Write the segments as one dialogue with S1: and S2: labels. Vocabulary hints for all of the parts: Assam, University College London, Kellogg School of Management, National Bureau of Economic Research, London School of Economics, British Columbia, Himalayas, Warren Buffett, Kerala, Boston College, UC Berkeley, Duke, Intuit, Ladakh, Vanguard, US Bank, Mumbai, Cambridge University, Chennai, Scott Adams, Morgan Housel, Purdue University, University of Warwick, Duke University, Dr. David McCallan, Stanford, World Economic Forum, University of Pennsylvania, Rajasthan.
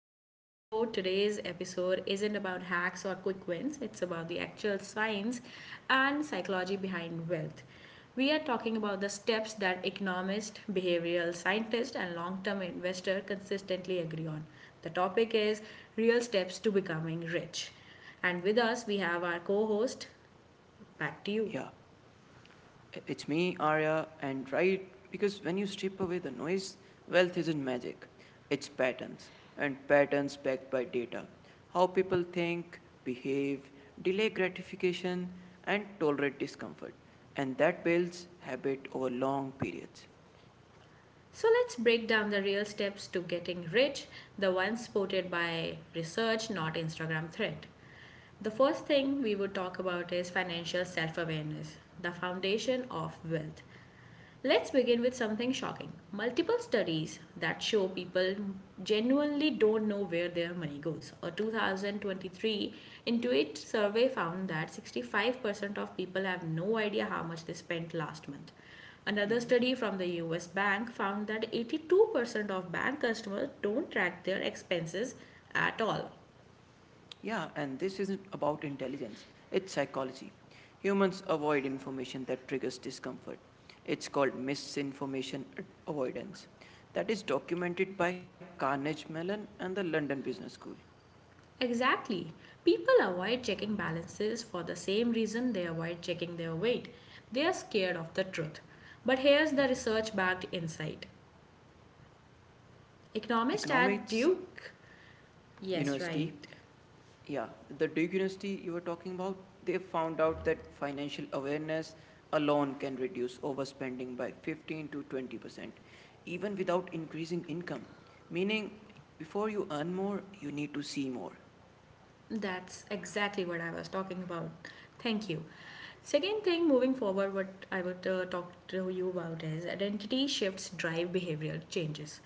S1: to our show. Today's episode isn't about hacks or quick wins, it's about the actual science and psychology behind wealth. We are talking about the steps that economists, behavioral scientists, and long term investors consistently agree on. The topic is real steps to becoming rich. And with us, we have our co host. Back to you.
S2: Yeah, it's me, Arya, and right, because when you strip away the noise, wealth isn't magic, it's patterns, and patterns backed by data. How people think, behave, delay gratification, and tolerate discomfort, and that builds habit over long periods.
S1: So let's break down the real steps to getting rich, the ones supported by research, not Instagram thread. The first thing we would talk about is financial self awareness, the foundation of wealth. Let's begin with something shocking. Multiple studies that show people genuinely don't know where their money goes. A 2023 Intuit survey found that 65% of people have no idea how much they spent last month. Another study from the US Bank found that 82% of bank customers don't track their expenses at all.
S2: Yeah, and this isn't about intelligence, it's psychology. Humans avoid information that triggers discomfort. It's called misinformation avoidance. That is documented by Carnegie Mellon and the London Business School.
S1: Exactly. People avoid checking balances for the same reason they avoid checking their weight. They are scared of the truth. But here's the research backed insight. Economist at
S2: Economics
S1: Duke. Yes, right.
S2: University. Yeah, the Duke University you were talking about, they found out that financial awareness alone can reduce overspending by 15 to 20%, even without increasing income. Meaning, before you earn more, you need to see more.
S1: That's exactly what I was talking about. Thank you. Second thing, moving forward, what I would talk to you about is identity shifts drive behavioral changes.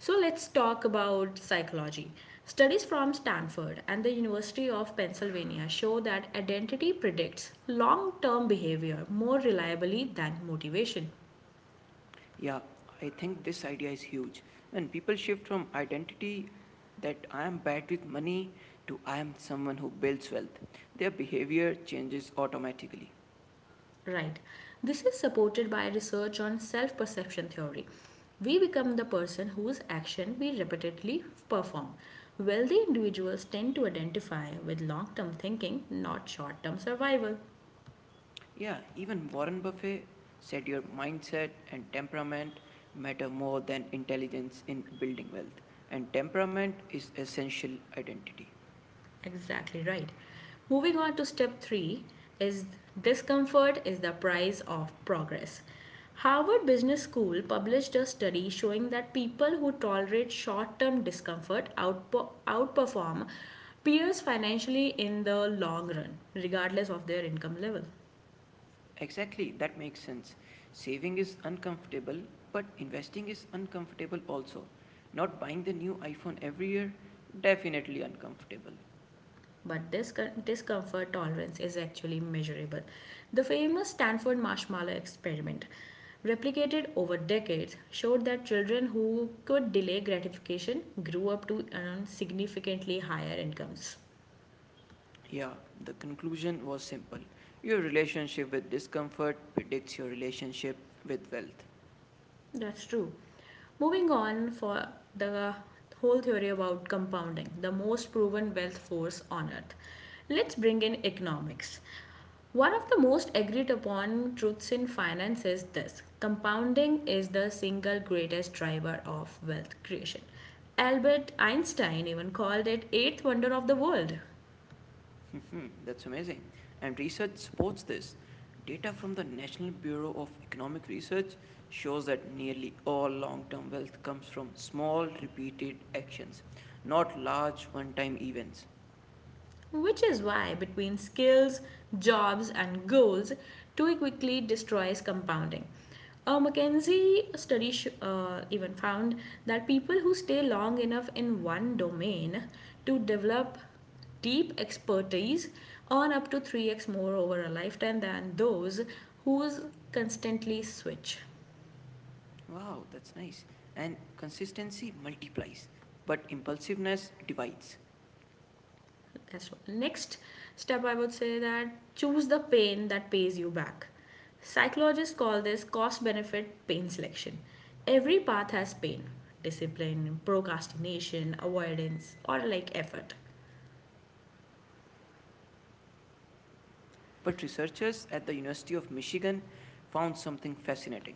S1: So let's talk about psychology. Studies from Stanford and the University of Pennsylvania show that identity predicts long term behavior more reliably than motivation.
S2: Yeah, I think this idea is huge. When people shift from identity that I am bad with money to I am someone who builds wealth, their behavior changes automatically.
S1: Right. This is supported by research on self perception theory. We become the person whose action we repeatedly perform. Wealthy individuals tend to identify with long term thinking, not short term survival.
S2: Yeah, even Warren Buffett said your mindset and temperament matter more than intelligence in building wealth. And temperament is essential identity.
S1: Exactly right. Moving on to step three is discomfort is the price of progress. Harvard Business School published a study showing that people who tolerate short term discomfort outperform peers financially in the long run, regardless of their income level.
S2: Exactly, that makes sense. Saving is uncomfortable, but investing is uncomfortable also. Not buying the new iPhone every year, definitely uncomfortable.
S1: But this discomfort tolerance is actually measurable. The famous Stanford marshmallow experiment, replicated over decades, showed that children who could delay gratification grew up to earn significantly higher incomes.
S2: Yeah, the conclusion was simple. Your relationship with discomfort predicts your relationship with wealth.
S1: That's true. Moving on for the whole theory about compounding, the most proven wealth force on earth. Let's bring in economics. One of the most agreed upon truths in finance is this: compounding is the single greatest driver of wealth creation. Albert Einstein even called it eighth wonder of the world.
S2: Mhm, that's amazing. And research supports this. Data from the National Bureau of Economic Research shows that nearly all long term wealth comes from small, repeated actions, not large one time events.
S1: Which is why, between skills, jobs, and goals, too quickly destroys compounding. A McKinsey study even found that people who stay long enough in one domain to develop deep expertise earn up to 3x more over a lifetime than those who constantly switch.
S2: Wow, that's nice. And consistency multiplies, but impulsiveness divides.
S1: That's what. Next step, I would say that choose the pain that pays you back. Psychologists call this cost benefit pain selection. Every path has pain: discipline, procrastination, avoidance, or like effort.
S2: But researchers at the University of Michigan found something fascinating.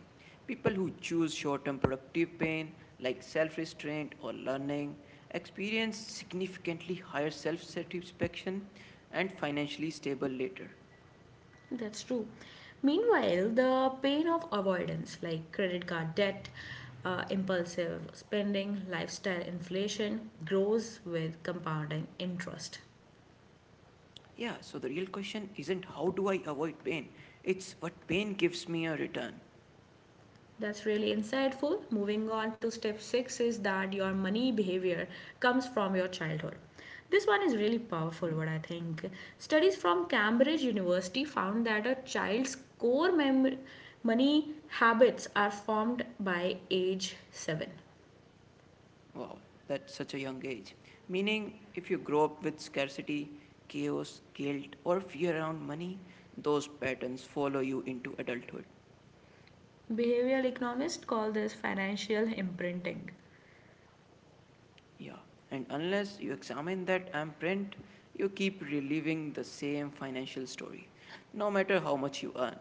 S2: People who choose short term productive pain, like self restraint or learning, experience significantly higher self satisfaction and financially stable later.
S1: That's true. Meanwhile, the pain of avoidance, like credit card debt, impulsive spending, lifestyle inflation, grows with compounding interest.
S2: Yeah, so the real question isn't how do I avoid pain, it's what pain gives me a return.
S1: That's really insightful. Moving on to step six is that your money behavior comes from your childhood. This one is really powerful, what I think. Studies from Cambridge University found that a child's core money habits are formed by age seven.
S2: Wow, that's such a young age. Meaning, if you grow up with scarcity, chaos, guilt, or fear around money, those patterns follow you into adulthood.
S1: Behavioral economists call this financial imprinting.
S2: Yeah, and unless you examine that imprint, you keep reliving the same financial story, no matter how much you earn.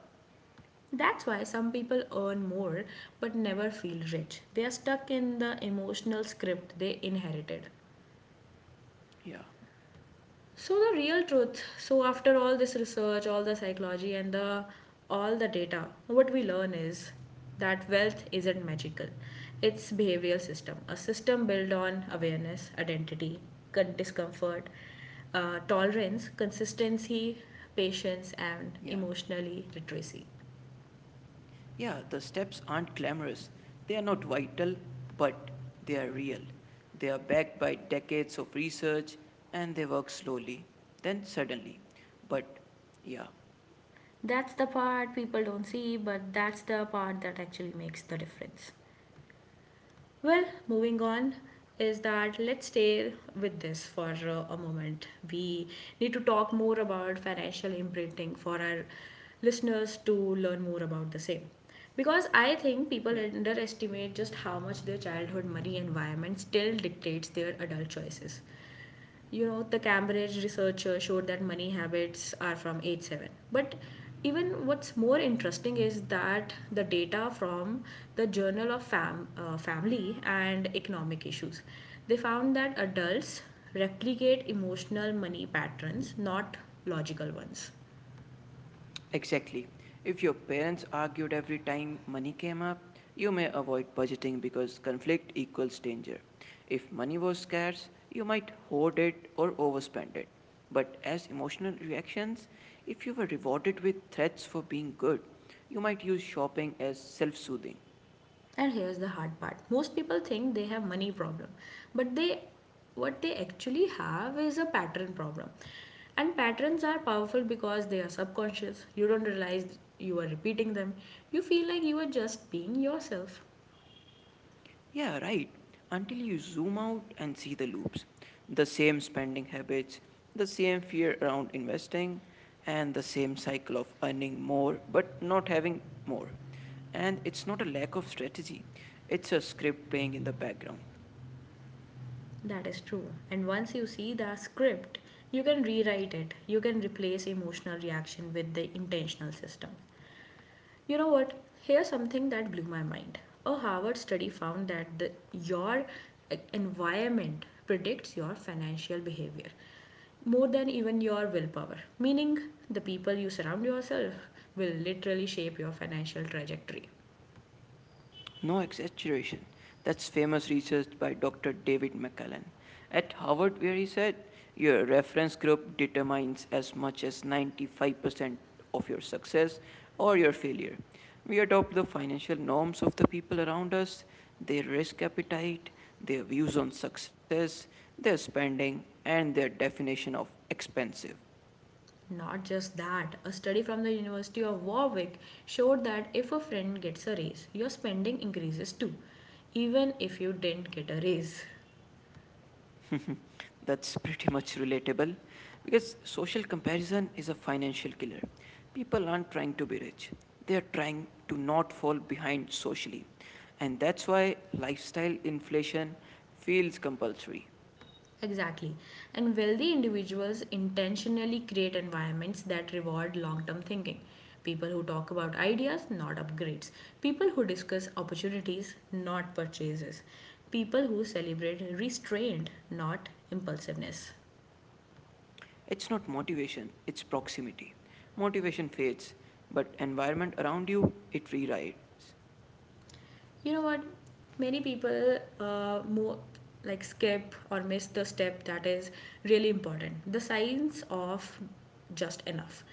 S1: That's why some people earn more but never feel rich. They are stuck in the emotional script they inherited.
S2: Yeah,
S1: So the real truth. So after all this research, all the psychology and the all the data, what we learn is that wealth isn't magical. It's behavioral system, a system built on awareness, identity, discomfort, tolerance, consistency, patience, and
S2: yeah.
S1: emotionally literacy.
S2: Yeah, the steps aren't glamorous. They are not vital, but they are real. They are backed by decades of research and they work slowly, then suddenly. But yeah,
S1: That's the part people don't see, but that's the part that actually makes the difference. Well, moving on is that let's stay with this for a moment. We need to talk more about financial imprinting for our listeners to learn more about the same. Because I think people
S2: yeah.
S1: underestimate just how much their childhood money environment still dictates their adult choices. You know, the Cambridge researcher showed that money habits are from age 7, but even what's more interesting is that the data from the Journal of Family and Economic Issues, they found that adults replicate emotional money patterns, not logical ones.
S2: Exactly. If your parents argued every time money came up, you may avoid budgeting because conflict equals danger. If money was scarce, you might hoard it or overspend it. But as emotional reactions, if you were rewarded with threats for being good, you might use shopping as self soothing.
S1: And here's the hard part. Most people think they have money problem, but they what they actually have is a pattern problem. And patterns are powerful because they are subconscious. You don't realize you are repeating them. You feel like you are just being yourself.
S2: Yeah, right. Until you zoom out and see the loops, the same spending habits, the same fear around investing, and the same cycle of earning more but not having more. And it's not a lack of strategy, it's a script playing in the background.
S1: That is true. And once you see the script, you can rewrite it. You can replace emotional reaction with the intentional system. You know what? Here's something that blew my mind. A Harvard study found that environment predicts your financial behavior more than even your willpower. Meaning, the people you surround yourself will literally shape your financial trajectory.
S2: No exaggeration. That's famous research by Dr. David McCallan at Harvard, where he said your reference group determines as much as 95% of your success or your failure. We adopt the financial norms of the people around us, their risk appetite, their views on success, their spending, and their definition of expensive.
S1: Not just that, a study from the University of Warwick showed that if a friend gets a raise, your spending increases too, even if you didn't get a raise.
S2: That's pretty much relatable because social comparison is a financial killer. People aren't trying to be rich, they are trying to not fall behind socially. And that's why lifestyle inflation feels compulsory.
S1: Exactly. And wealthy individuals intentionally create environments that reward long term thinking. People who talk about ideas, not upgrades. People who discuss opportunities, not purchases. People who celebrate restraint, not impulsiveness.
S2: It's not motivation, it's proximity. Motivation fades, but environment around you, it rewrites.
S1: You know what? Many people more like skip or miss the step that is really important: the science of just enough.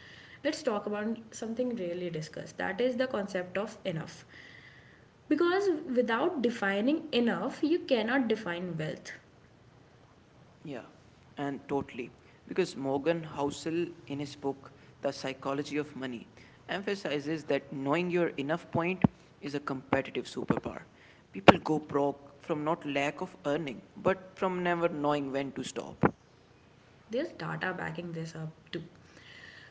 S1: Let's talk about something really discussed, that is the concept of enough. Because without defining enough, you cannot define wealth.
S2: Yeah, and totally. Because Morgan Housel, in his book, The Psychology of Money, emphasizes that knowing your enough point is a competitive superpower. People go broke from not lack of earning, but from never knowing when to stop.
S1: There's data backing this up too.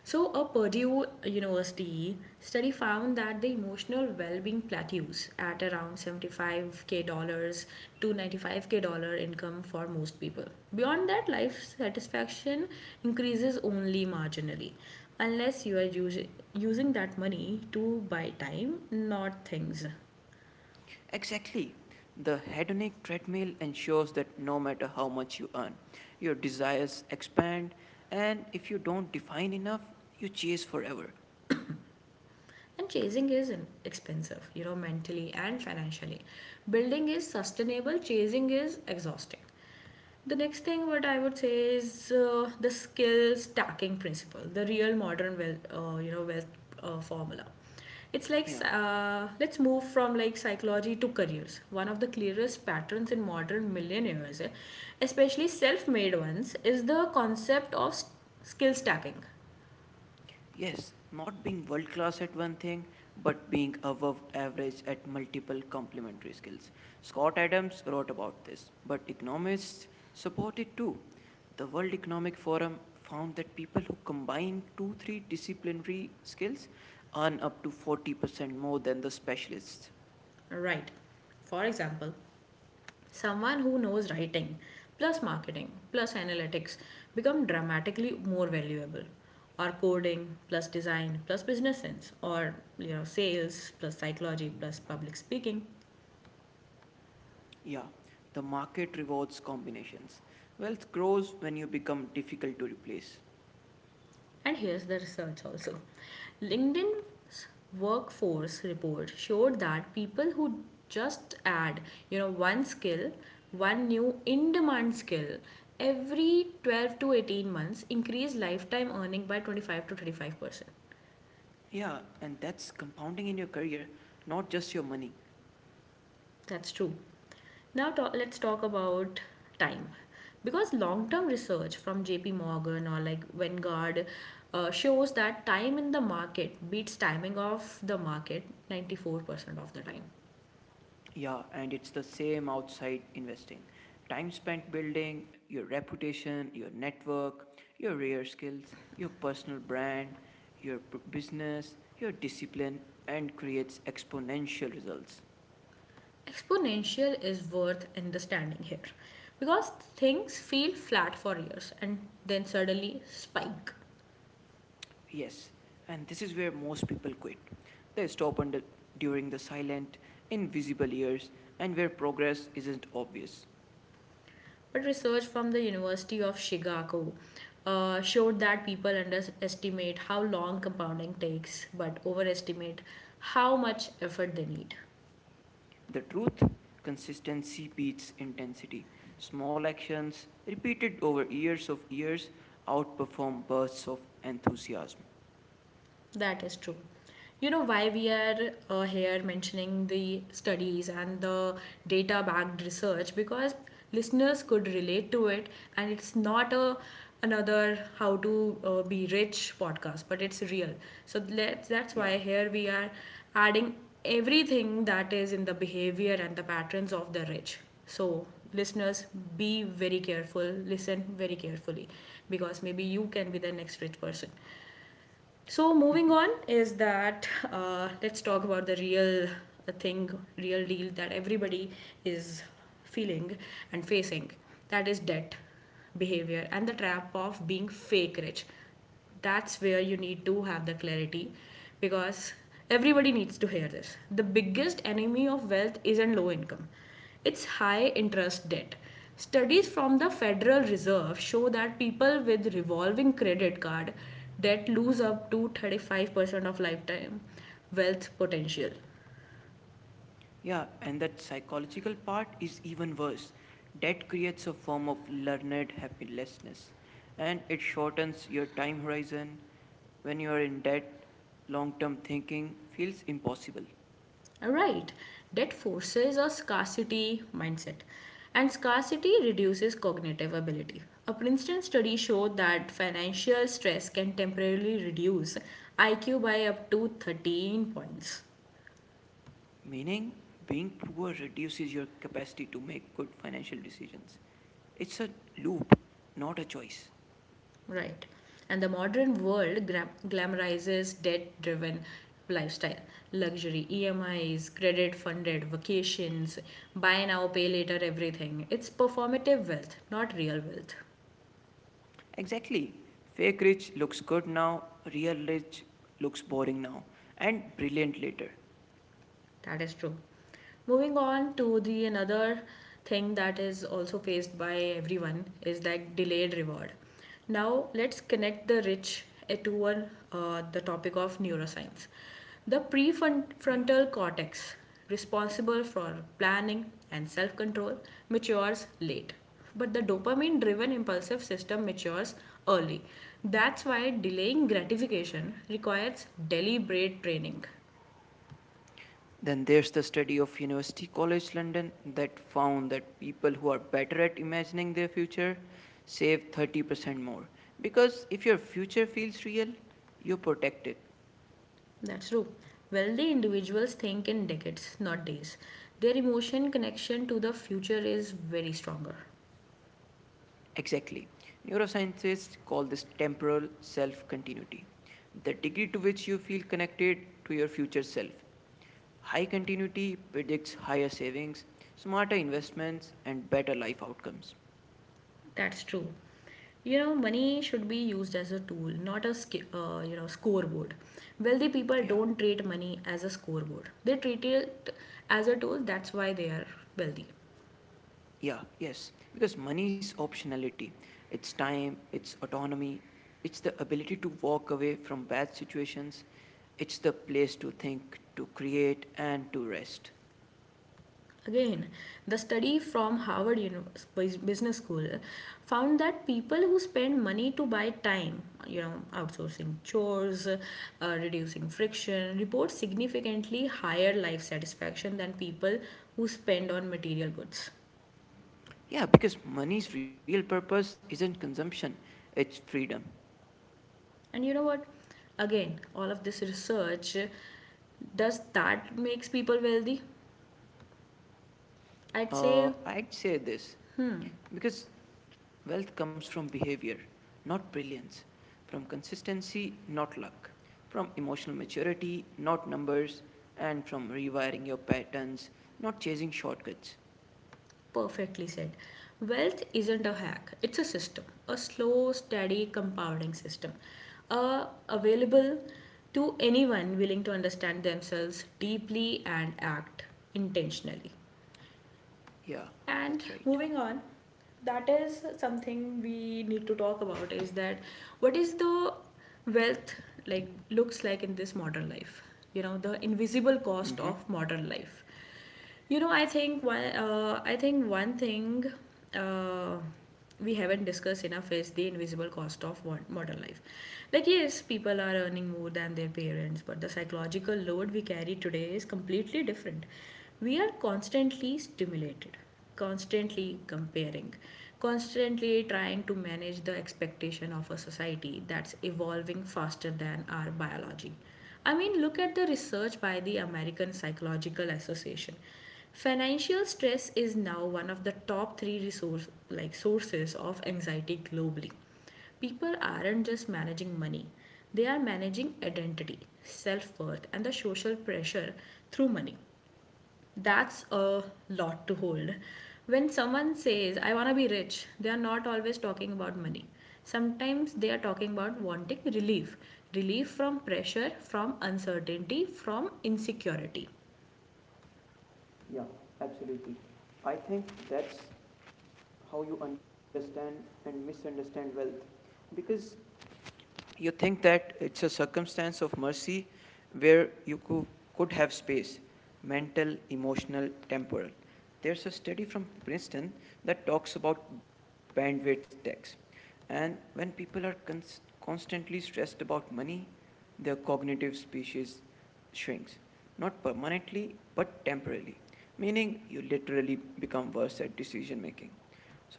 S1: So, a Purdue University study found that the emotional well-being plateaus at around 75K dollars to 95K dollar income for most people. Beyond that, life satisfaction increases only marginally, unless you are using that money to buy time, not things.
S2: Exactly. The hedonic treadmill ensures that no matter how much you earn, your desires expand, and if you don't define enough, you chase forever.
S1: And chasing is expensive, you know, mentally and financially. Building is sustainable, chasing is exhausting. The next thing what I would say is the skill stacking principle, the real modern wealth, wealth formula. It's like
S2: Yeah.
S1: let's move from like psychology to careers. One of the clearest patterns in modern millionaires, especially self-made ones, is the concept of skill stacking.
S2: Yes, not being world class at one thing, but being above average at multiple complementary skills. Scott Adams wrote about this, but economists support it too. The World Economic Forum found that people who combine two, three disciplinary skills earn up to 40% more than the specialists.
S1: Right. For example, someone who knows writing, plus marketing, plus analytics become dramatically more valuable. Or coding, plus design, plus business sense, or you know, sales, plus psychology, plus public speaking.
S2: Yeah, the market rewards combinations. Wealth grows when you become difficult to replace.
S1: And here's the research also. LinkedIn's workforce report showed that people who just add, you know, one skill, one new in-demand skill every 12 to 18 months increase lifetime earning by 25 to 35%.
S2: Yeah, and that's compounding in your career, not just your money.
S1: That's true. Now let's talk about time. Because long term research from JP Morgan or like Vanguard shows that time in the market beats timing of the market 94% of the time.
S2: Yeah, and it's the same outside investing. Time spent building your reputation, your network, your rare skills, your personal brand, your business, your discipline, and creates exponential results.
S1: Exponential is worth understanding here because things feel flat for years and then suddenly spike.
S2: Yes, and this is where most people quit. They stop under, during the silent, invisible years, and where progress isn't obvious.
S1: But research from the University of Chicago showed that people underestimate how long compounding takes but overestimate how much effort they need.
S2: The truth consistency beats intensity. Small actions, repeated over years of years, outperform bursts of enthusiasm.
S1: That is true. You know why we are here mentioning the studies and the data backed research? Because listeners could relate to it, and it's not a another how to be rich podcast, but it's real. So let's, that's
S2: Yeah.
S1: why here we are adding everything that is in the behavior and the patterns of the rich. So listeners, be very careful, listen very carefully, because maybe you can be the next rich person. So moving on is that let's talk about the real uh, thing, real deal that everybody is feeling and facing. That is debt behavior and the trap of being fake rich. That's where you need to have the clarity, because everybody needs to hear this. The biggest enemy of wealth isn't low income, it's high interest debt. Studies from the Federal Reserve show that people with revolving credit card debt lose up to 35% of lifetime wealth potential.
S2: Yeah, and that psychological part is even worse. That creates a form of learned happilessness and it shortens your time horizon. When you are in debt, long term thinking feels impossible.
S1: All right, debt forces a scarcity mindset, and scarcity reduces cognitive ability. A Princeton study showed that financial stress can temporarily reduce IQ by up to 13 points.
S2: Meaning, being poor reduces your capacity to make good financial decisions. It's a loop, not a choice.
S1: Right. And the modern world glamorizes debt driven lifestyle, luxury, EMIs, credit funded vacations, buy now, pay later, everything. It's performative wealth, not real wealth.
S2: Exactly. Fake rich looks good now, real rich looks boring now, and brilliant later.
S1: That is true. Moving on to the another thing that is also faced by everyone is like delayed reward. Now let's connect the rich to the topic of neuroscience. The
S2: Yeah.
S1: prefrontal cortex, responsible for planning and self-control, matures late but the dopamine driven impulsive system matures early. That's why delaying gratification requires deliberate training.
S2: Then there's the study of University College London that found that people who are better at imagining their future save 30% more. Because if your future feels real, you protect it.
S1: That's true. Wealthy individuals think in decades, not days. Their emotion connection to the future is very stronger.
S2: Exactly. Neuroscientists call this temporal self continuity, the degree to which you feel connected to your future self. High continuity predicts higher savings, smarter investments, and better life outcomes.
S1: That's true. You know, money should be used as a tool, not a scoreboard. Wealthy people
S2: Yeah,
S1: don't treat money as a scoreboard. They treat it as a tool. That's why they are wealthy.
S2: yeah, yes. Because money is optionality, it's time, it's autonomy, it's the ability to walk away from bad situations, it's the place to think, to create, and to rest.
S1: Again, the study from Harvard Business School found that people who spend money to buy time, you know, outsourcing chores, reducing friction, report significantly higher life satisfaction than people who spend on material goods.
S2: Yeah, because money's real purpose isn't consumption, it's freedom.
S1: And you know what? Again, all of this research, does that makes people wealthy? I'd say.
S2: I'd say this because wealth comes from behavior, not brilliance, from consistency, not luck, from emotional maturity, not numbers, and from rewiring your patterns, not chasing shortcuts.
S1: Perfectly said. Wealth isn't a hack, it's a system, a slow, steady compounding system, available to anyone willing to understand themselves deeply and act intentionally.
S2: Yeah, that's
S1: And
S2: right.
S1: moving on, that is something we need to talk about is that what is the wealth like looks like in this modern life, you know, the invisible
S2: Mm-hmm.
S1: cost of modern life. I think one thing uh, we haven't discussed enough is the invisible cost of modern life. Like, yes, people are earning more than their parents, but the psychological load we carry today is completely different. We are constantly stimulated, constantly comparing, constantly trying to manage the expectation of a society that's evolving faster than our biology. I mean, look at the research by the American Psychological Association. Financial stress is now one of the top 3 resource like sources of anxiety globally. People aren't just managing money, they are managing identity, self worth, and the social pressure through money. That's a lot to hold. When someone says, I want to be rich, they are not always talking about money. Sometimes they are talking about wanting relief, relief from pressure, from uncertainty, from insecurity.
S2: Yeah, absolutely. I think that's how you understand and misunderstand wealth. Because you think that it's a circumstance of mercy where you could have space, mental, emotional, temporal. There's a study from Princeton that talks about bandwidth tax, and when people are constantly stressed about money, their cognitive species shrinks, not permanently, but temporarily, meaning you literally become worse at decision making.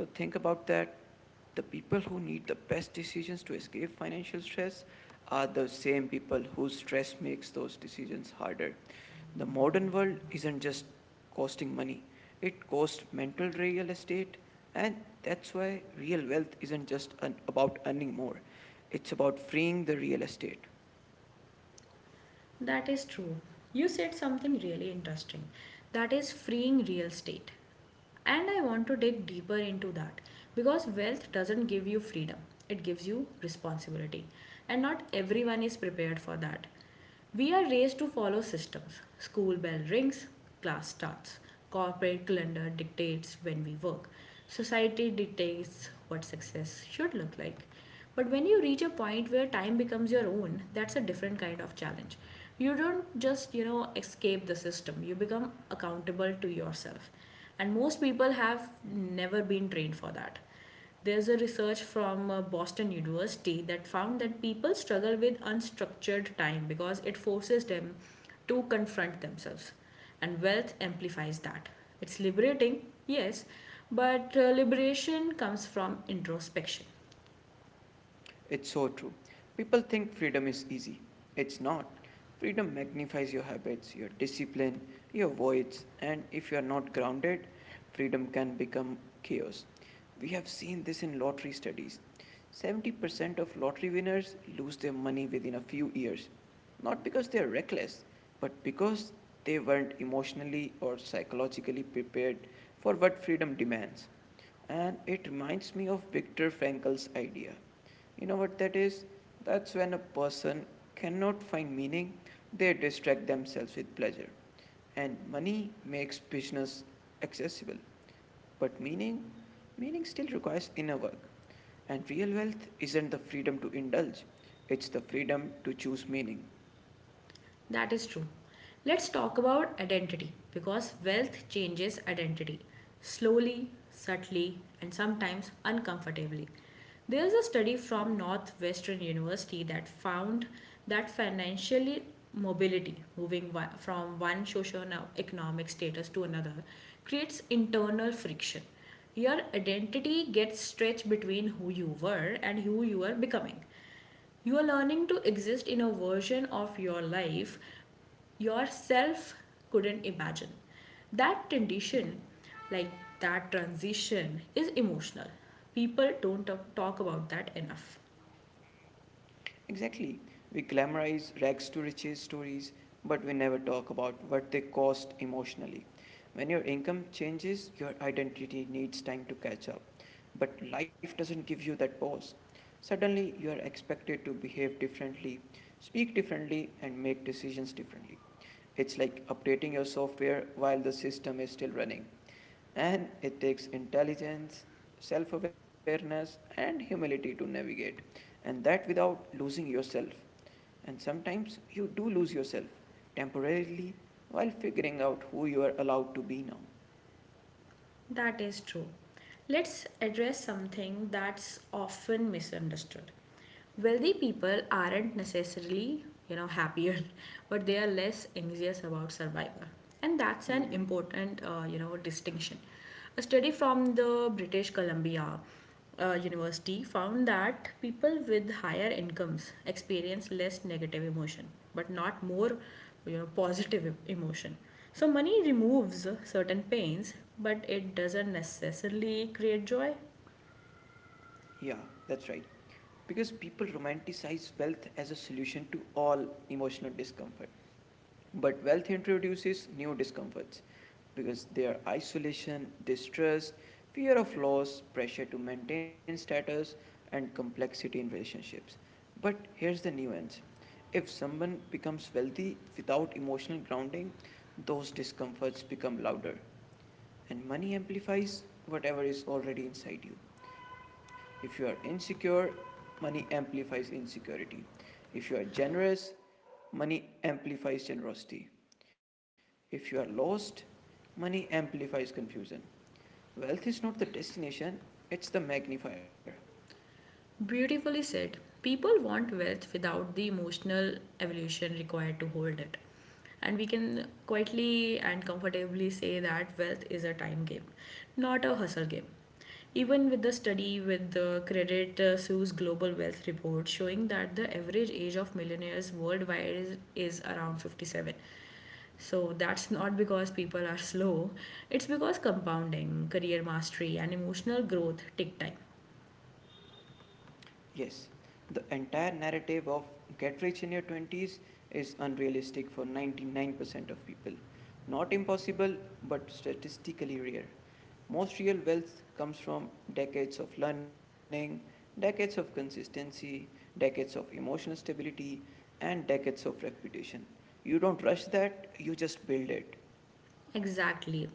S2: So think about that. The people who need the best decisions to escape financial stress are the same people whose stress makes those decisions harder. The modern world isn't just costing money, it costs mental real estate, and that's why real wealth isn't just an, about earning more, it's about freeing the real estate.
S1: That is true. You said something really interesting. That is freeing real estate. And I want to dig deeper into that because wealth doesn't give you freedom, it gives you responsibility. And not everyone is prepared for that. We are raised to follow systems. School bell rings, class starts. Corporate calendar dictates when we work. Society dictates what success should look like. But when you reach a point where time becomes your own, that's a different kind of challenge. You don't just escape the system, you become accountable to yourself. And most people have never been trained for that. There's a research from Boston University that found that people struggle with unstructured time because it forces them to confront themselves. And wealth amplifies that. It's liberating, yes, but liberation comes from introspection.
S2: It's so true. People think freedom is easy. It's not. Freedom magnifies your habits, your discipline, your voids, and if you are not grounded, freedom can become chaos. We have seen this in lottery studies. 70% of lottery winners lose their money within a few years, not because they are reckless, but because they weren't emotionally or psychologically prepared for what freedom demands. And it reminds me of Viktor Frankl's idea, you know what that is? That's when a person cannot find meaning, they distract themselves with pleasure. And money makes business accessible. But meaning still requires inner work. And real wealth isn't the freedom to indulge, it's the freedom to choose meaning.
S1: That is true. Let's talk about identity because wealth changes identity slowly, subtly, and sometimes uncomfortably. There's a study from Northwestern University that found that financial mobility, moving from one socioeconomic status to another, creates internal friction. Your identity gets stretched between who you were and who you are becoming. You are learning to exist in a version of your life yourself couldn't imagine. That transition,
S2: Hmm.
S1: like that transition is emotional. People don't talk about that enough.
S2: Exactly. We glamorize rags to riches stories, but we never talk about what they cost emotionally. When your income changes, your identity needs time to catch up. But life doesn't give you that pause. Suddenly, you are expected to behave differently, speak differently, and make decisions differently. It's like updating your software while the system is still running. And it takes intelligence, self awareness, and humility to navigate, and that without losing yourself. And sometimes you do lose yourself temporarily while figuring out who you are allowed to be now.
S1: That is true. Let's address something that's often misunderstood. Wealthy people aren't necessarily happier, but they are less anxious about survival. And that's an
S2: Hmm.
S1: important distinction. A study from the British Columbia University found that people with higher incomes experience less negative emotion, but not more positive emotion, so money removes certain pains, but it doesn't necessarily create joy.
S2: Yeah, that's right. Because people romanticize wealth as a solution to all emotional discomfort. But wealth introduces new discomforts because they are isolation, distrust, fear of loss, pressure to maintain status, and complexity in relationships. But here's the nuance, if someone becomes wealthy without emotional grounding, those discomforts become louder and money amplifies whatever is already inside you. If you are insecure, money amplifies insecurity. If you are generous, money amplifies generosity. If you are lost, money amplifies confusion. Wealth is not the destination, it's the magnifier.
S1: Beautifully said. People want wealth without the emotional evolution required to hold it. And we can quietly and comfortably say that wealth is a time game, not a hustle game. Even with the study with the Credit Suisse Global Wealth Report showing that the average age of millionaires worldwide is around 57, so that's not because people are slow, it's because compounding, career mastery, and emotional growth take time.
S2: Yes, the entire narrative of get rich in your 20s is unrealistic for 99% of people. Not impossible, but statistically rare. Most real wealth comes from decades of learning, decades of consistency, decades of emotional stability, and decades of reputation. You don't rush that, you just build it.
S1: Exactly.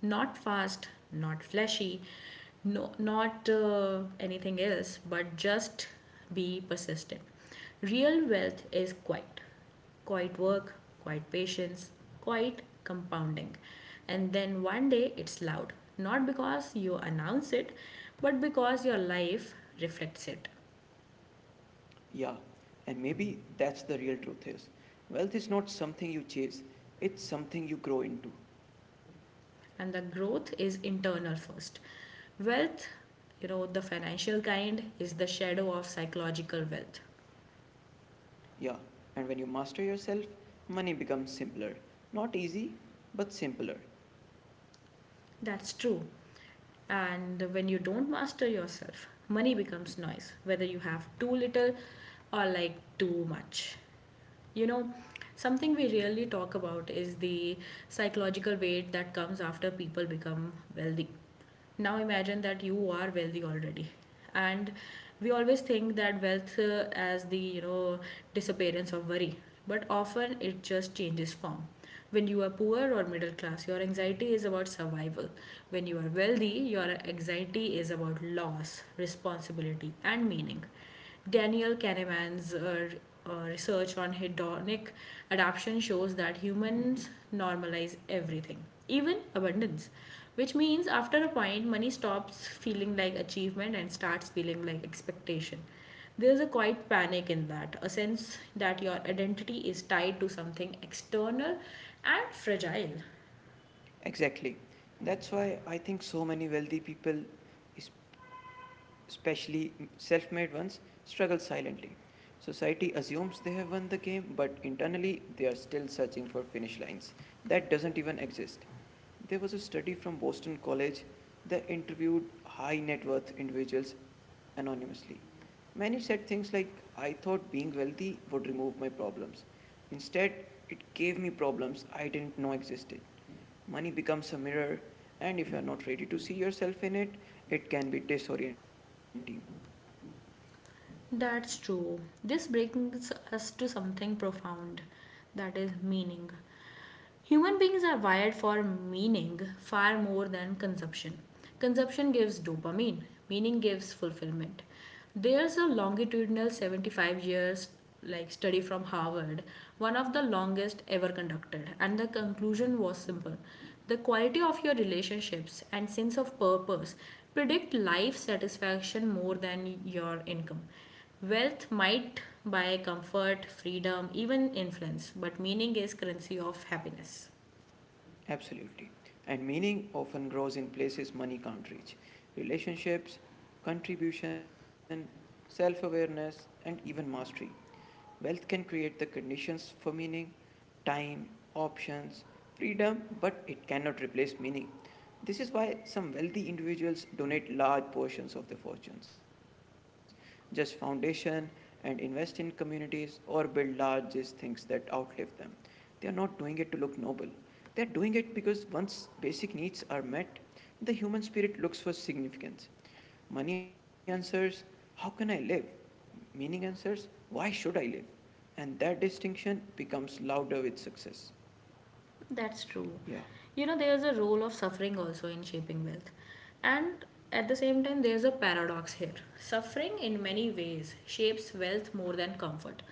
S1: Not fast, not flashy, no, not anything else, but just be persistent. Real wealth is quiet, quiet work, quiet patience, quiet compounding. And then one day it's loud, not because you announce it, but because your life reflects it.
S2: Yeah, and maybe that's the real truth is. Wealth is not something you chase, it's something you grow into.
S1: And the growth is internal first. Wealth, the financial kind is the shadow of psychological wealth.
S2: Yeah, and when you master yourself, money becomes simpler. Not easy, but simpler.
S1: That's true. And when you don't master yourself, money becomes noise, whether you have too little or like too much. You know, something we rarely talk about is the psychological weight that comes after people become wealthy. Now imagine that you are wealthy already. And we always think that wealth as the, you know, disappearance of worry, but often it just changes form. When you are poor or middle class, your anxiety is about survival. When you are wealthy, your anxiety is about loss, responsibility, and meaning. Daniel Kahneman's research on hedonic adaptation shows that humans
S2: Mhm.
S1: normalize everything, even abundance, which means after a point, money stops feeling like achievement and starts feeling like expectation. There's a quiet panic in that, a sense that your identity is tied to something external and fragile.
S2: Exactly. That's why I think so many wealthy people, es- especially self made ones, struggle silently. Society assumes they have won the game, but internally they are still searching for finish lines that doesn't even exist. There was a study from Boston College that interviewed high net worth individuals anonymously. Many said things like, I thought being wealthy would remove my problems. Instead, it gave me problems I didn't know existed. Money becomes a mirror, and if you're not ready to see yourself in it, it can be disorienting.
S1: That's true. This brings us to something profound that is meaning. Human beings are wired for meaning far more than consumption. Consumption gives dopamine, meaning gives fulfillment. There's a longitudinal 75 years study from Harvard, one of the longest ever conducted, and the conclusion was simple. The quality of your relationships and sense of purpose predict life satisfaction more than your income. Wealth might buy comfort, freedom, even influence, but meaning is currency of happiness.
S2: Absolutely. And meaning often grows in places money can't reach. Relationships, contribution, self awareness, and even mastery. Wealth can create the conditions for meaning, time, options, freedom, but it cannot replace meaning. This is why some wealthy individuals donate large portions of their fortunes, just foundation and invest in communities or build largest things that outlive them. They are not doing it to look noble. They are doing it because once basic needs are met, the human spirit looks for significance. Money answers, how can I live? Meaning answers, why should I live? And that distinction becomes louder with success.
S1: That's true.
S2: Yeah.
S1: You know, there's a role of suffering also in shaping wealth. And at the same time, there's a paradox here. Suffering, in many ways, shapes wealth more than comfort.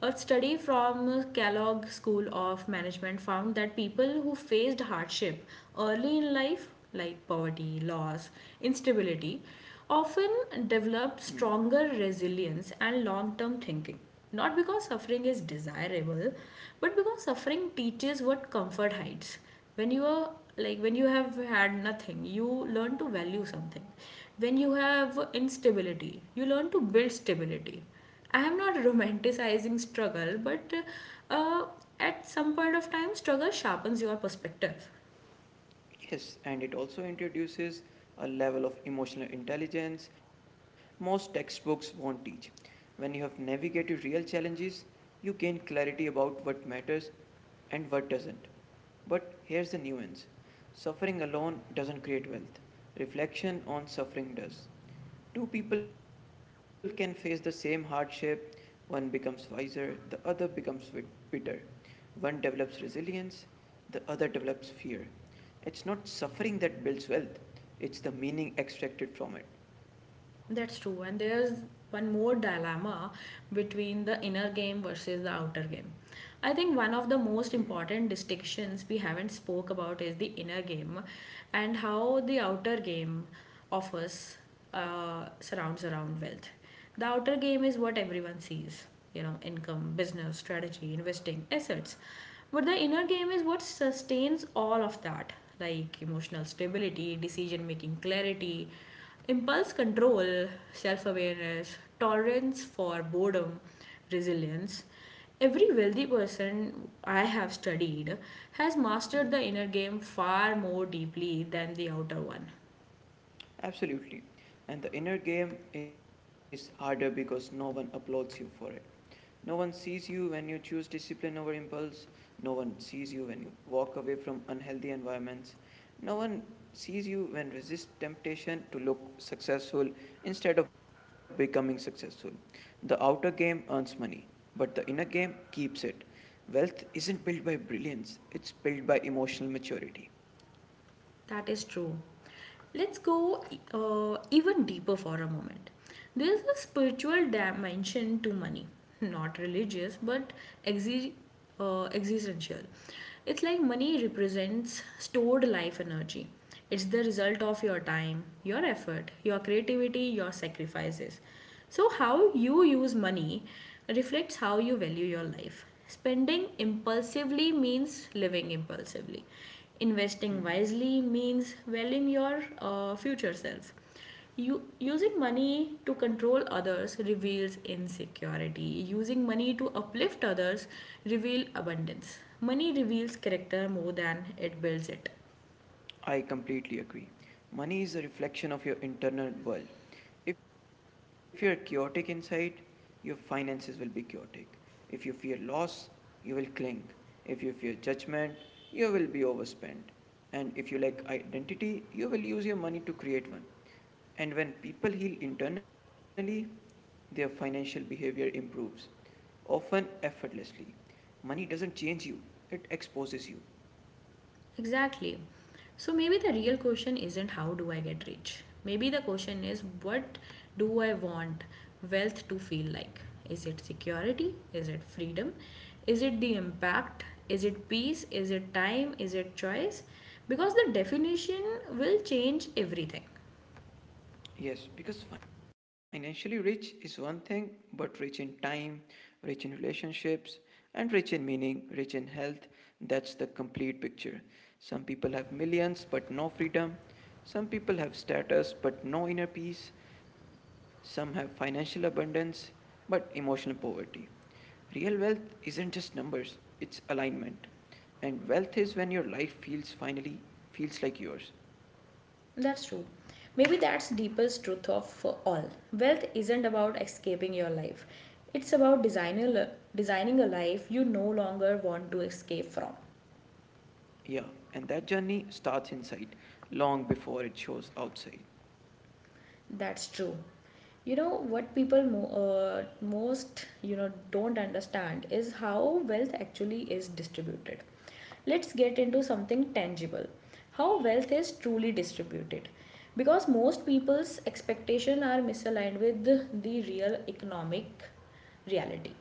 S1: A study from Kellogg School of Management found that people who faced hardship early in life, like poverty, loss, instability, often
S2: Mm.
S1: developed stronger resilience and long term thinking. Not because suffering is desirable, but because suffering teaches what comfort hides. When you are when you have had nothing, you learn to value something. When you have instability, you learn to build stability. I am not romanticizing struggle, but uh, at some point of time, struggle sharpens your perspective.
S2: Yes, and it also introduces a level of emotional intelligence most textbooks won't teach. When you have navigated real challenges, you gain clarity about what matters and what doesn't. But here's the nuance suffering alone doesn't create wealth, reflection on suffering does. Two people can face the same hardship. One becomes wiser, the other becomes bitter. One develops resilience, the other develops fear. It's not suffering that builds wealth, it's the meaning extracted from it.
S1: That's true. And there's one more dilemma between the inner game versus the outer game. I think one of the most
S2: Mm,
S1: important distinctions we haven't spoke about is the inner game and how the outer game of us surrounds around wealth. The outer game is what everyone sees, you know, income, business, strategy, investing, assets. But the inner game is what sustains all of that, like emotional stability, decision making clarity, impulse control, self awareness, tolerance for boredom, resilience. Every wealthy person I have studied has mastered the inner
S2: mm.
S1: game far more deeply than the outer one.
S2: Absolutely. And the inner game is harder because no one applauds you for it. No one sees you when you choose discipline over impulse. No one sees you when you walk away from unhealthy environments. No one sees you when resist temptation to look successful instead of becoming successful. The outer game earns money, but the inner game keeps it. Wealth isn't built by brilliance, it's built by emotional maturity.
S1: That is true. Let's go even deeper for a moment. There is a spiritual
S2: Yeah.
S1: dimension to money, not religious, but exi- existential. It's like money represents stored life energy. It's the result of your time, your effort, your creativity, your sacrifices. So, how you use money reflects how you value your life. Spending impulsively means living impulsively. Investing
S2: Mm-hmm.
S1: wisely means valuing your future self. You, using money to control others reveals insecurity. Using money to uplift others reveals abundance. Money reveals character more than it builds it.
S2: I completely agree. Money is a reflection of your internal world. If you're chaotic inside, your finances will be chaotic. If you fear loss, you will cling. If you fear judgment, you will be overspent. And if you lack identity, you will use your money to create one. And when people heal internally, their financial behavior improves, often effortlessly. Money doesn't change you, it exposes you.
S1: Exactly. So maybe the real question isn't, how do I get rich? Maybe the question is, what do I want wealth to feel like? Is it security? Is it freedom? Is it the impact? Is it peace? Is it time? Is it choice? Because the definition will change everything.
S2: Yes, because financially rich is one thing, but rich in time, rich in relationships, and rich in meaning, rich in health, that's the complete picture. Some people have millions but no freedom. Some people have status but no inner peace. Some have financial abundance but emotional poverty. Real wealth isn't just numbers, it's alignment. And wealth is when your life feels finally feels like yours.
S1: That's true. Maybe that's deepest truth of all. Wealth isn't about escaping your life. It's about designing a life you no longer want to escape from.
S2: Yeah, and that journey starts inside long before it shows outside.
S1: That's true. You know what people most, don't understand is how wealth actually is distributed. Let's get into something tangible. How wealth is truly distributed. Because most people's expectation are misaligned with the real economic reality.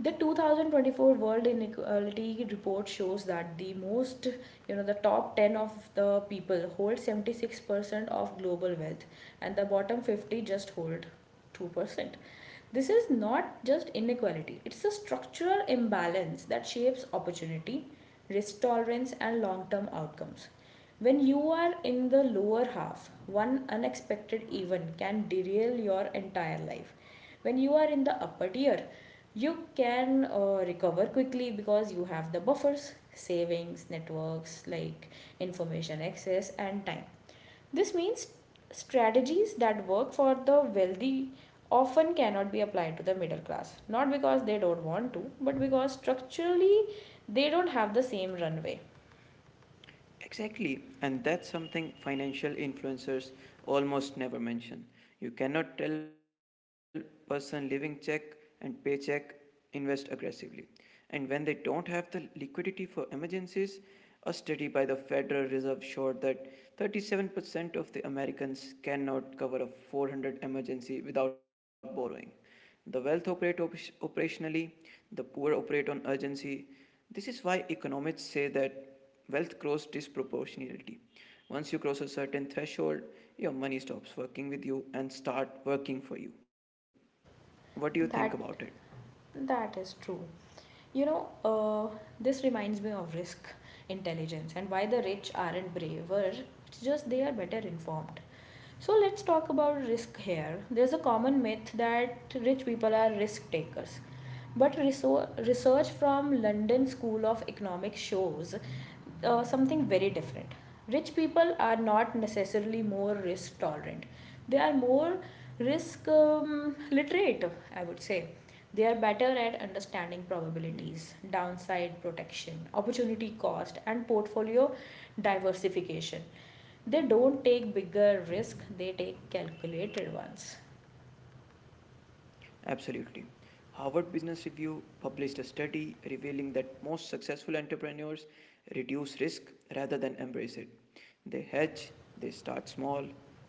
S1: The 2024 World Inequality Report shows that the most, the top 10 of the people hold 76% of global wealth and the bottom 50 just hold 2%. This is not just inequality, it's a structural imbalance that shapes opportunity, risk tolerance, and long term outcomes. When you are in the lower half, one unexpected event can derail your entire life. When you are in the upper tier, you can recover quickly because you have the buffers, savings, networks, like information access and time. This means strategies that work for the wealthy often cannot be applied to the middle class, not because they don't want to, but because structurally they don't have the same runway.
S2: Exactly, and that's something financial influencers almost never mention. You cannot tell person living check and paycheck invest aggressively. And when they don't have the liquidity for emergencies, a study by the Federal Reserve showed that 37% of the Americans cannot cover a 400 emergency without borrowing. The wealth operate operationally, the poor operate on urgency. This is why economists say that wealth grows disproportionately. Once you cross a certain threshold, your money stops working with you and start working for you. What do you think
S1: That
S2: about it?
S1: that is true. You know, this reminds me of risk intelligence and why the rich aren't braver. It's just they are better informed. So let's talk about risk here. There's a common myth that rich people are risk takers. But research from London School of Economics shows something very different. Rich people are not necessarily more risk tolerant. They are more risk literate, I would say. They are better at understanding
S2: Hmm.
S1: probabilities, downside protection, opportunity cost, and portfolio diversification. They don't take bigger risk, they take calculated ones.
S2: Absolutely. Harvard Business Review published a study revealing that most successful entrepreneurs reduce risk rather than embrace it. They hedge, they start small,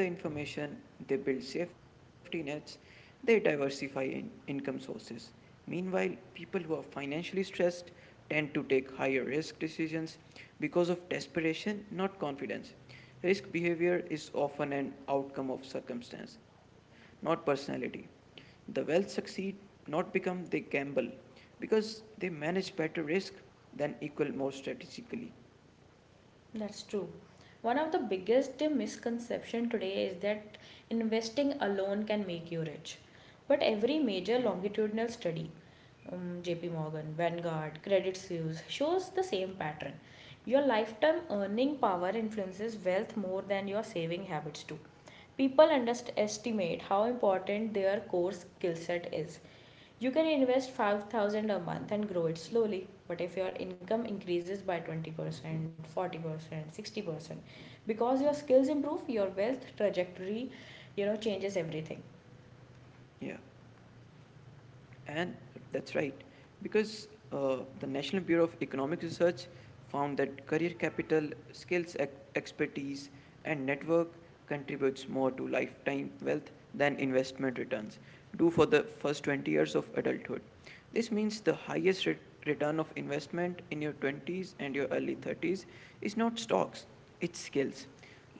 S2: they gather information, they build safety nets, they diversify in income sources. Meanwhile, people who are financially stressed tend to take higher risk decisions because of desperation, not confidence. Risk behavior is often an outcome of circumstance, not personality. The well succeed, not become they gamble, because they manage better risk than equal more strategically.
S1: That's true. One of the biggest misconception today is that investing alone can make you rich. But every major
S2: Hmm.
S1: longitudinal study, JP Morgan, Vanguard, Credit Suisse, shows the same pattern. Your lifetime earning power influences wealth more than your saving habits do. People underestimate how important their core skill set is. You can invest 5,000 a month and grow it slowly, but if your income increases by 20%, 40%, 60%, because your skills improve, your wealth trajectory, you know, changes everything.
S2: Yeah. And that's right, because the National Bureau of Economic Research found that career capital, skills expertise, and network contributes more to lifetime wealth than investment returns do for the first 20 years of adulthood. This means the highest return of investment in your 20s and your early 30s is not stocks, it's skills.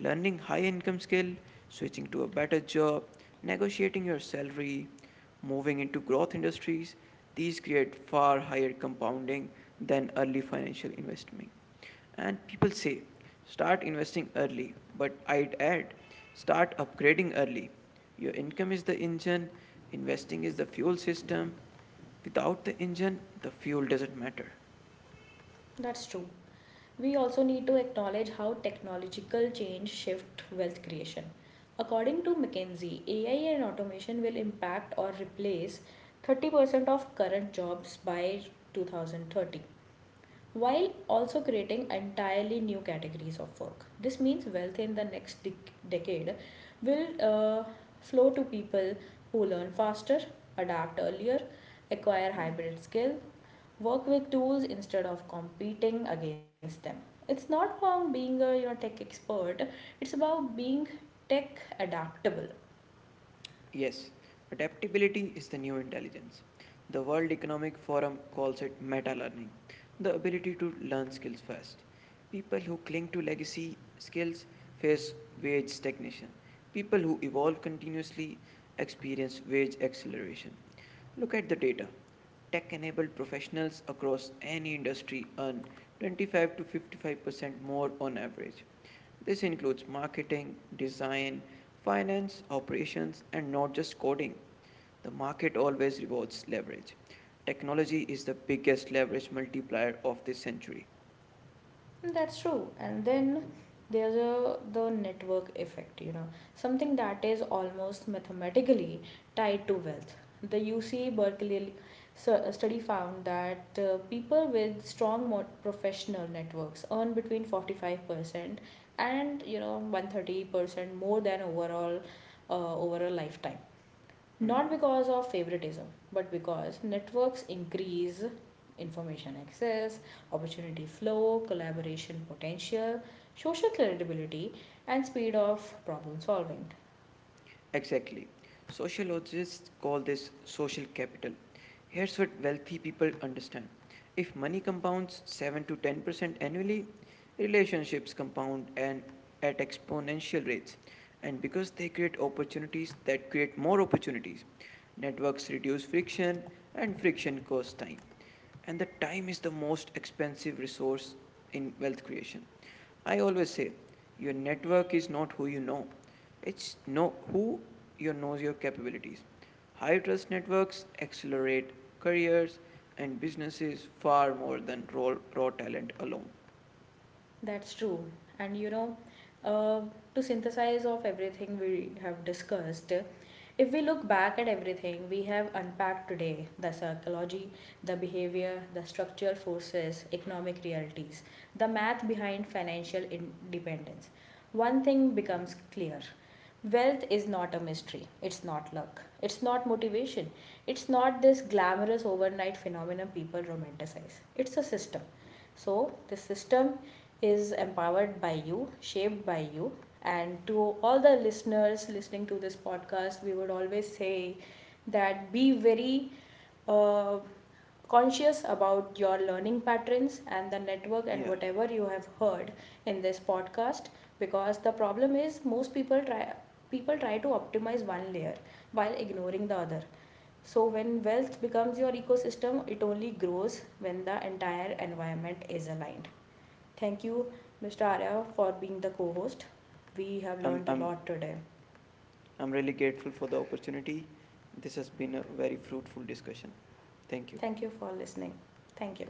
S2: Learning high income skill, switching to a better job, negotiating your salary, moving into growth industries, these create far higher compounding than early financial investment. And people say, start investing early, but I'd add, start upgrading early. Your income is the engine, investing is the fuel system. Without the engine, the fuel doesn't matter.
S1: That's true. We also need to acknowledge how technological change shift wealth creation. According to McKinsey, AI and automation will impact or replace 30% of current jobs by 2030 while also creating entirely new categories of work. This means wealth in the next decade will flow to people who learn faster, adapt earlier, acquire hybrid skill, work with tools instead of competing against them. It's not about being a, you know, tech expert. It's about being tech adaptable.
S2: Yes, adaptability is the new intelligence. The World Economic Forum calls it meta learning, the ability to learn skills fast. People who cling to legacy skills face wage stagnation. People who evolve continuously experience wage acceleration. Look at the data. Tech enabled professionals across any industry earn 25 to 55% more on average. This includes marketing, design, finance, operations, and not just coding. The market always rewards leverage. Technology is the biggest leverage multiplier of this century.
S1: That's true. And then there's a the network effect, you know, something that is almost mathematically tied to wealth. The UC Berkeley study found that people with strong professional networks earn between 45% and 130% more than overall, over a lifetime,
S2: Mm-hmm.
S1: not because of favoritism but because networks increase information access, opportunity flow, collaboration potential, social credibility, and speed of problem solving.
S2: Exactly. Sociologists call this social capital. Here's what wealthy people understand if money compounds 7 to 10% annually, relationships compound and at exponential rates. And because they create opportunities that create more opportunities, networks reduce friction and friction costs time. And the time is the most expensive resource in wealth creation. I always say your network is not who you know, it's know who you knows your capabilities. High trust networks accelerate careers and businesses far more than raw talent alone.
S1: That's true. And you know, uh, to synthesize of everything we have discussed, if we look back at everything we have unpacked today, the psychology, the behavior, the structural forces, economic realities, the math behind financial independence, one thing becomes clear. Wealth is not a mystery. It's not luck. It's not motivation. It's not this glamorous overnight phenomenon people romanticize. It's a system. So the system is empowered by you, shaped by you. And to all the listeners listening to this podcast, we would always say that be very uh, conscious about your learning patterns and the network and
S2: Yeah,
S1: whatever you have heard in this podcast, because the problem is most people try to optimize one layer while ignoring the other, so when wealth becomes your ecosystem it only grows when the entire environment is aligned. Thank you, Mr. Arya, for being the co-host. We have
S2: I'm,
S1: learned a
S2: I'm,
S1: lot today.
S2: I'm really grateful for the opportunity. This has been a very fruitful discussion. Thank you.
S1: Thank you for listening. Thank you.